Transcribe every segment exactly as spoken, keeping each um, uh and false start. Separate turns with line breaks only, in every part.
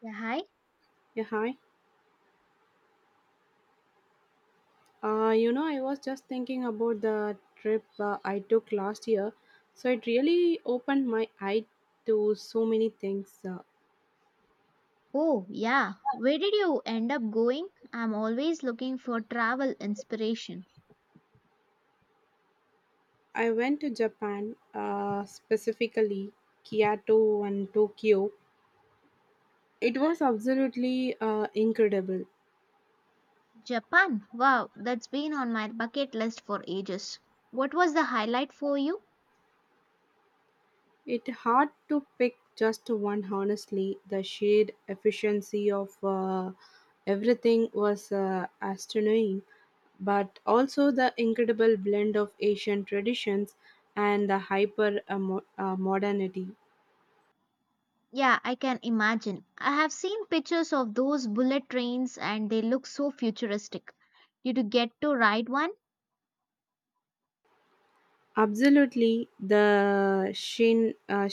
Yeah, hi.
Yeah, hi. Uh, you know, I was just thinking about the trip uh, I took last year. So it really opened my eye to so many things. Uh,
Oh, yeah. Where did you end up going? I'm always looking for travel inspiration.
I went to Japan, uh, specifically Kyoto and Tokyo. It was absolutely uh, incredible.
Japan. Wow, that's been on my bucket list for ages. What was the highlight for you?
It hard to pick just one. Honestly, the sheer efficiency of uh, everything was uh, astonishing, but also the incredible blend of Asian traditions and the hyper uh, mo- uh, modernity.
Yeah, I can imagine. I have seen pictures of those bullet trains and they look so futuristic. Did you get to ride one?
Absolutely, the Shin uh,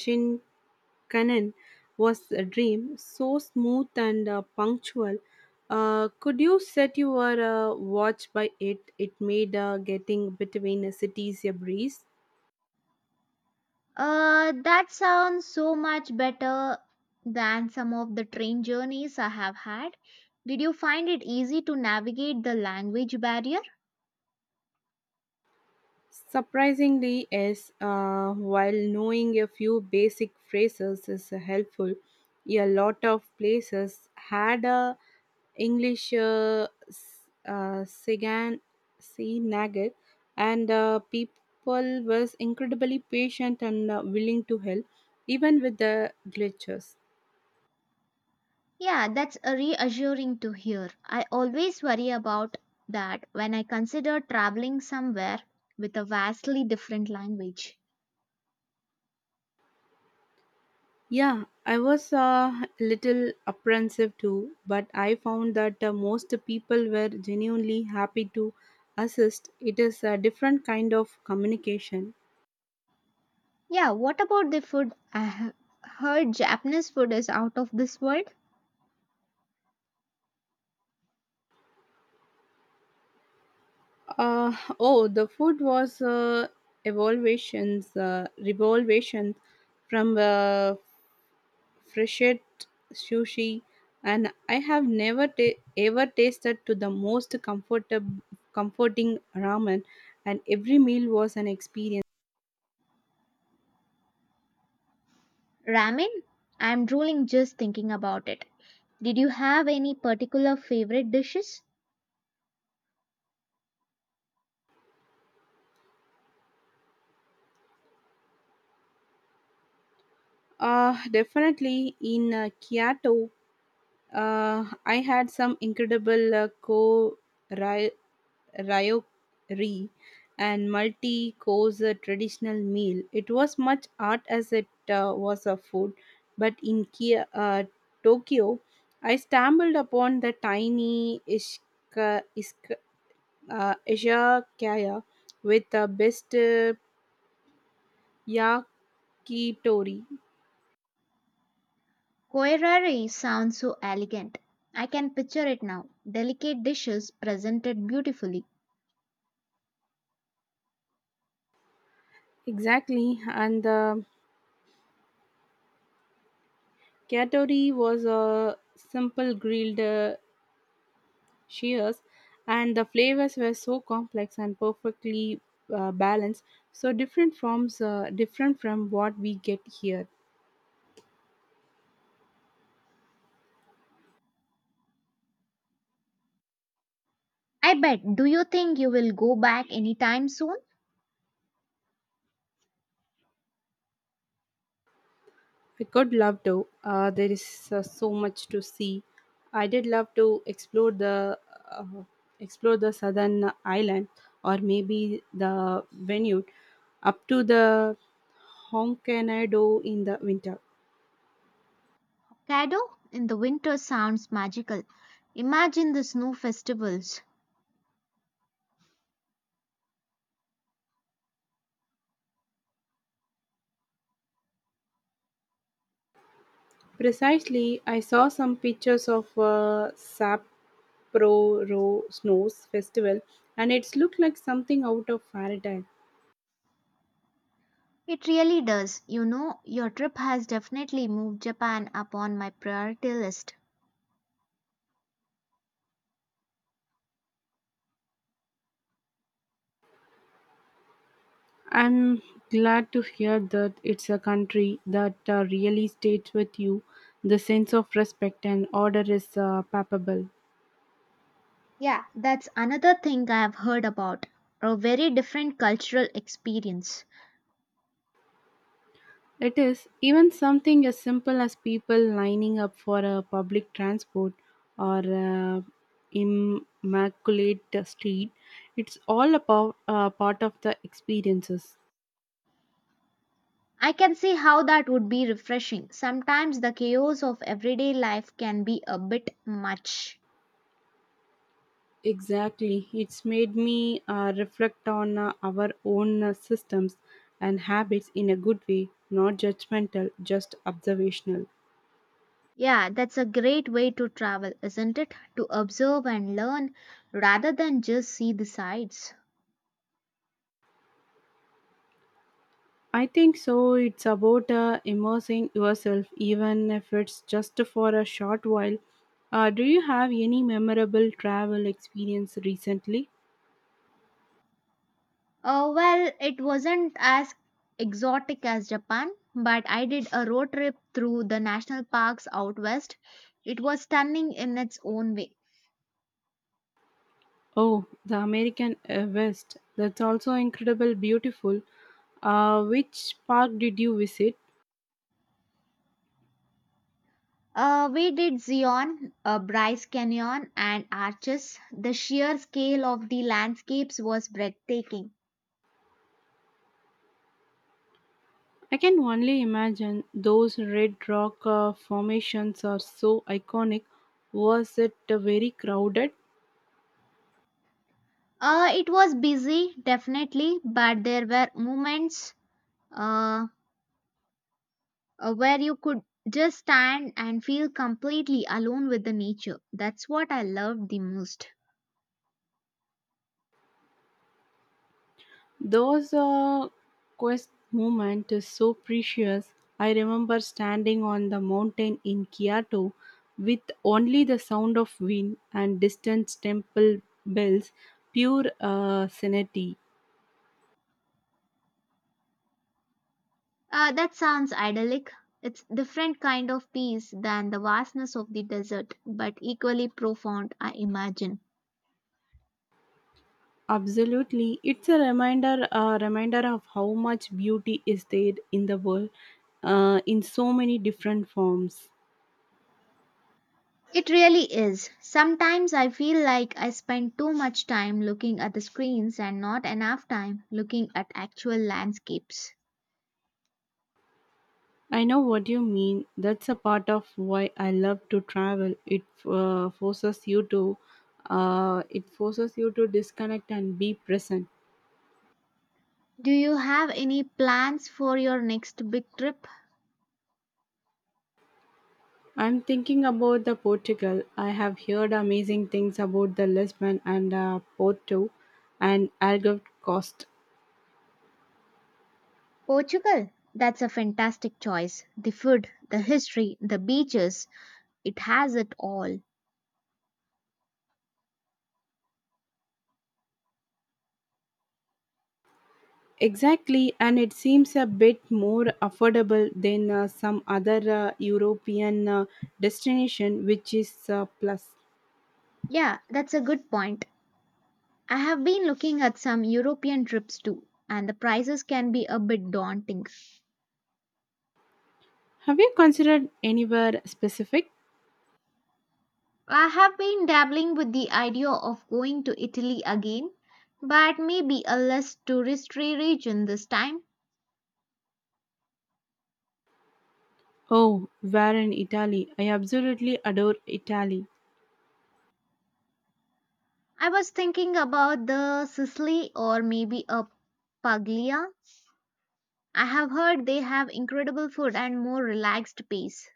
Shinkansen was a dream, so smooth and uh, punctual. Uh, could you set your uh, watch by it? It made uh, getting between the cities a breeze.
Uh, that sounds so much better than some of the train journeys I have had. Did you find it easy to navigate the language barrier?
Surprisingly, yes, uh, while knowing a few basic phrases is helpful, a lot of places had a English uh, s- uh, Sigan Nagel, and uh, people was incredibly patient and uh, willing to help, even with the glitches.
Yeah, that's a reassuring to hear. I always worry about that when I consider traveling somewhere with a vastly different language.
Yeah, I was uh, a little apprehensive too, but I found that uh, most people were genuinely happy to assist. It is a different kind of communication.
Yeah, what about the food? I have heard Japanese food is out of this world.
Uh, oh, the food was uh, evaluations, uh, revolvations from uh, freshet sushi, and I have never ta- ever tasted to the most comfortable, comforting ramen, and every meal was an experience.
Ramen? I'm drooling just thinking about it. Did you have any particular favorite dishes?
Uh, definitely in uh, Kyoto, uh, I had some incredible uh, ko ry- ryokuri and multi course uh, traditional meal. It was much art as it uh, was a food, but in Kia, uh, Tokyo, I stumbled upon the tiny ishka, ishka, uh, izakaya with the best uh, yakitori.
Koirari sounds so elegant. I can picture it now. Delicate dishes presented beautifully.
Exactly, and the Katori was a simple grilled uh, shears, and the flavors were so complex and perfectly uh, balanced, so different forms, uh, different from what we get here.
I bet. Do you think you will go back anytime soon?
I could love to. Uh, there is uh, so much to see. I did love to explore the uh, explore the southern island, or maybe the Vineyard, up to the Hokkaido in the winter.
Kado in the winter sounds magical. Imagine the snow festivals.
Precisely, I saw some pictures of uh, Sapporo Snows Festival, and it's looked like something out of fairy tale.
It really does. You know, your trip has definitely moved Japan up on my priority list.
I'm glad to hear that it's a country that uh, really stays with you. The sense of respect and order is uh, palpable.
Yeah, that's another thing I have heard about. A very different cultural experience.
It is even something as simple as people lining up for a public transport or a immaculate street. It's all about uh, part of the experiences.
I can see how that would be refreshing. Sometimes the chaos of everyday life can be a bit much.
Exactly. It's made me uh, reflect on uh, our own uh, systems and habits in a good way, not judgmental, just observational.
Yeah, that's a great way to travel, isn't it? To observe and learn rather than just see the sights.
I think so. It's about uh, immersing yourself, even if it's just for a short while. Uh, do you have any memorable travel experience recently?
Uh, well, it wasn't as exotic as Japan, but I did a road trip through the national parks out west. It was stunning in its own way.
Oh, the American uh, West. That's also incredible, beautiful. Uh, which park did you visit?
Uh, we did Zion, uh, Bryce Canyon, and Arches. The sheer scale of the landscapes was breathtaking.
I can only imagine those red rock uh, formations are so iconic. Was it uh, very crowded?
Uh, it was busy, definitely, but there were moments uh, uh, where you could just stand and feel completely alone with the nature. That's what I loved the most.
Those uh, quest moment is so precious. I remember standing on the mountain in Kyoto with only the sound of wind and distant temple bells, pure uh, sanity.
Uh, that sounds idyllic. It's different kind of peace than the vastness of the desert, but equally profound, I imagine.
Absolutely, it's a reminder a reminder of how much beauty is there in the world, uh, in so many different forms.
It really is. Sometimes I feel like I spend too much time looking at the screens and not enough time looking at actual landscapes.
I know what you mean. That's a part of why I love to travel. It uh, forces you to uh, it forces you to disconnect and be present.
Do you have any plans for your next big trip?
I'm thinking about the Portugal. I have heard amazing things about the Lisbon and uh, Porto and Algarve coast.
Portugal. That's a fantastic choice. The food, the history, the beaches, it has it all.
Exactly, and it seems a bit more affordable than uh, some other uh, European uh, destination, which is a plus.
Yeah, that's a good point. I have been looking at some European trips too, and the prices can be a bit daunting.
Have you considered anywhere specific?
I have been dabbling with the idea of going to Italy again, but maybe a less touristy region this time.
Oh, where in Italy? I absolutely adore Italy.
I was thinking about the Sicily or maybe a Puglia. I have heard they have incredible food and more relaxed pace.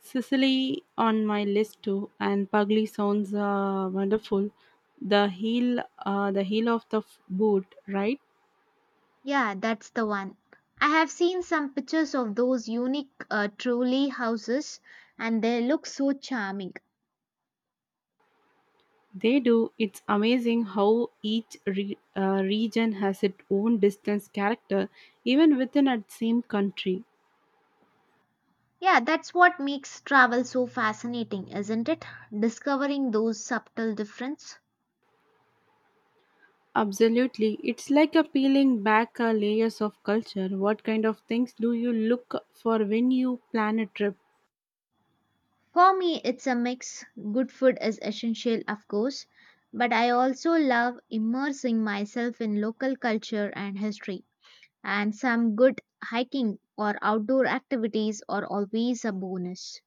Sicily on my list too, and Pugli sounds uh, wonderful. The heel, uh, the heel of the f- boot, right?
Yeah, that's the one. I have seen some pictures of those unique uh, trolley houses and they look so charming.
They do. It's amazing how each re- uh, region has its own distinct character, even within a same country.
Yeah, that's what makes travel so fascinating, isn't it? Discovering those subtle differences.
Absolutely, it's like a peeling back uh, layers of culture. What kind of things do you look for when you plan a trip?
For me, it's a mix. Good food is essential, of course, but I also love immersing myself in local culture and history. And some good hiking or outdoor activities are always a bonus.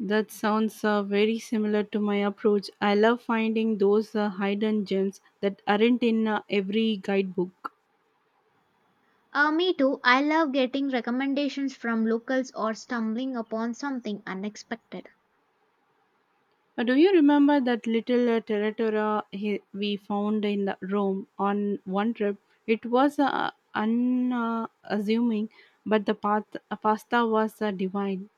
That sounds uh, very similar to my approach. I love finding those uh, hidden gems that aren't in uh, every guidebook.
Uh, me too. I love getting recommendations from locals or stumbling upon something unexpected.
Uh, do you remember that little uh, territora he- we found in the Rome on one trip? It was uh, unassuming, uh, but the path, uh, pasta was uh, divine.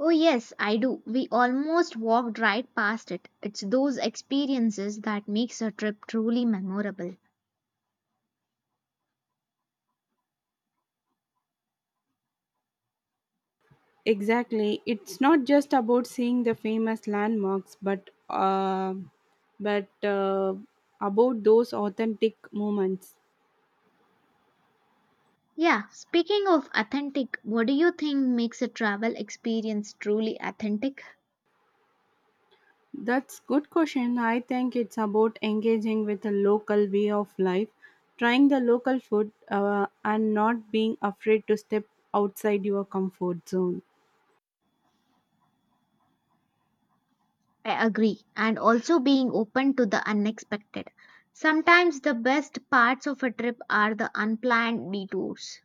Oh, yes, I do. We almost walked right past it. It's those experiences that makes a trip truly memorable.
Exactly. It's not just about seeing the famous landmarks, but uh, but uh, about those authentic moments.
Yeah, speaking of authentic, what do you think makes a travel experience truly authentic?
That's good question. I think it's about engaging with the local way of life, trying the local food, uh, and not being afraid to step outside your comfort zone.
I agree, and also being open to the unexpected. Sometimes the best parts of a trip are the unplanned detours.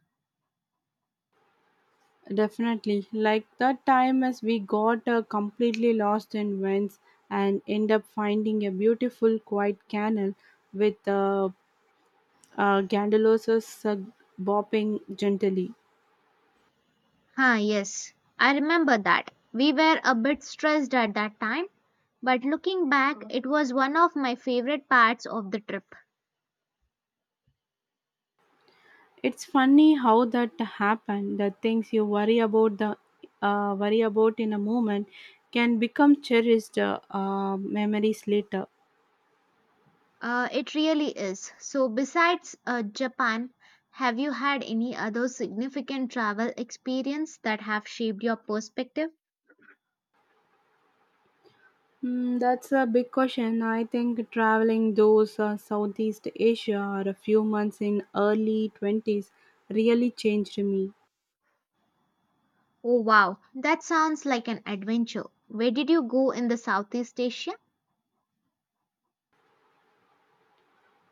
Definitely, like the time as we got uh, completely lost in winds and end up finding a beautiful quiet canal with uh, uh, gandalos uh, bopping gently.
Ah, yes, I remember that. We were a bit stressed at that time, but looking back, it was one of my favorite parts of the trip.
It's funny how that happened. The things you worry about the uh, worry about in a moment can become cherished uh, uh, memories later.
Uh, it really is. So, besides uh, Japan, have you had any other significant travel experience that have shaped your perspective?
Mm, that's a big question. I think traveling those uh, Southeast Asia or a few months in early twenties really changed me.
Oh, wow, that sounds like an adventure. Where did you go in the Southeast Asia?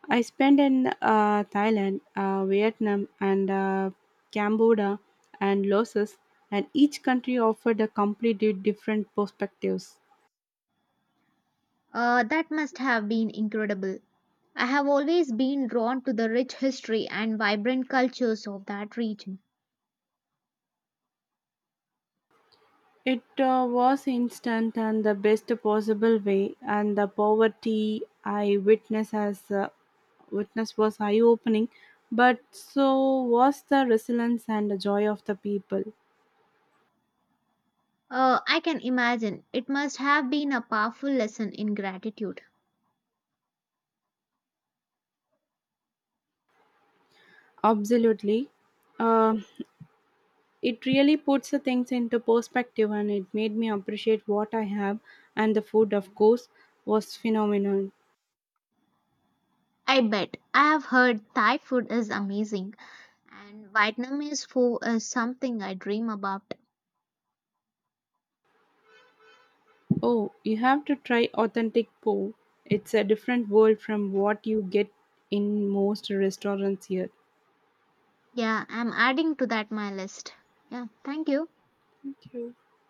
I spent in uh, Thailand, uh, Vietnam, and uh, Cambodia and Laos, and each country offered a completely different perspectives.
Uh, that must have been incredible. I have always been drawn to the rich history and vibrant cultures of that region.
It uh, was instant and the best possible way, and the poverty I witnessed as uh, witness was eye-opening, but so was the resilience and the joy of the people.
Uh, I can imagine it must have been a powerful lesson in gratitude.
Absolutely, uh, it really puts the things into perspective, and it made me appreciate what I have, and the food, of course, was phenomenal.
I bet. I have heard Thai food is amazing. And Vietnam is for uh, something I dream about.
Oh, you have to try authentic po. It's a different world from what you get in most restaurants here.
Yeah, I'm adding to that my list. Yeah, thank you.
Thank you.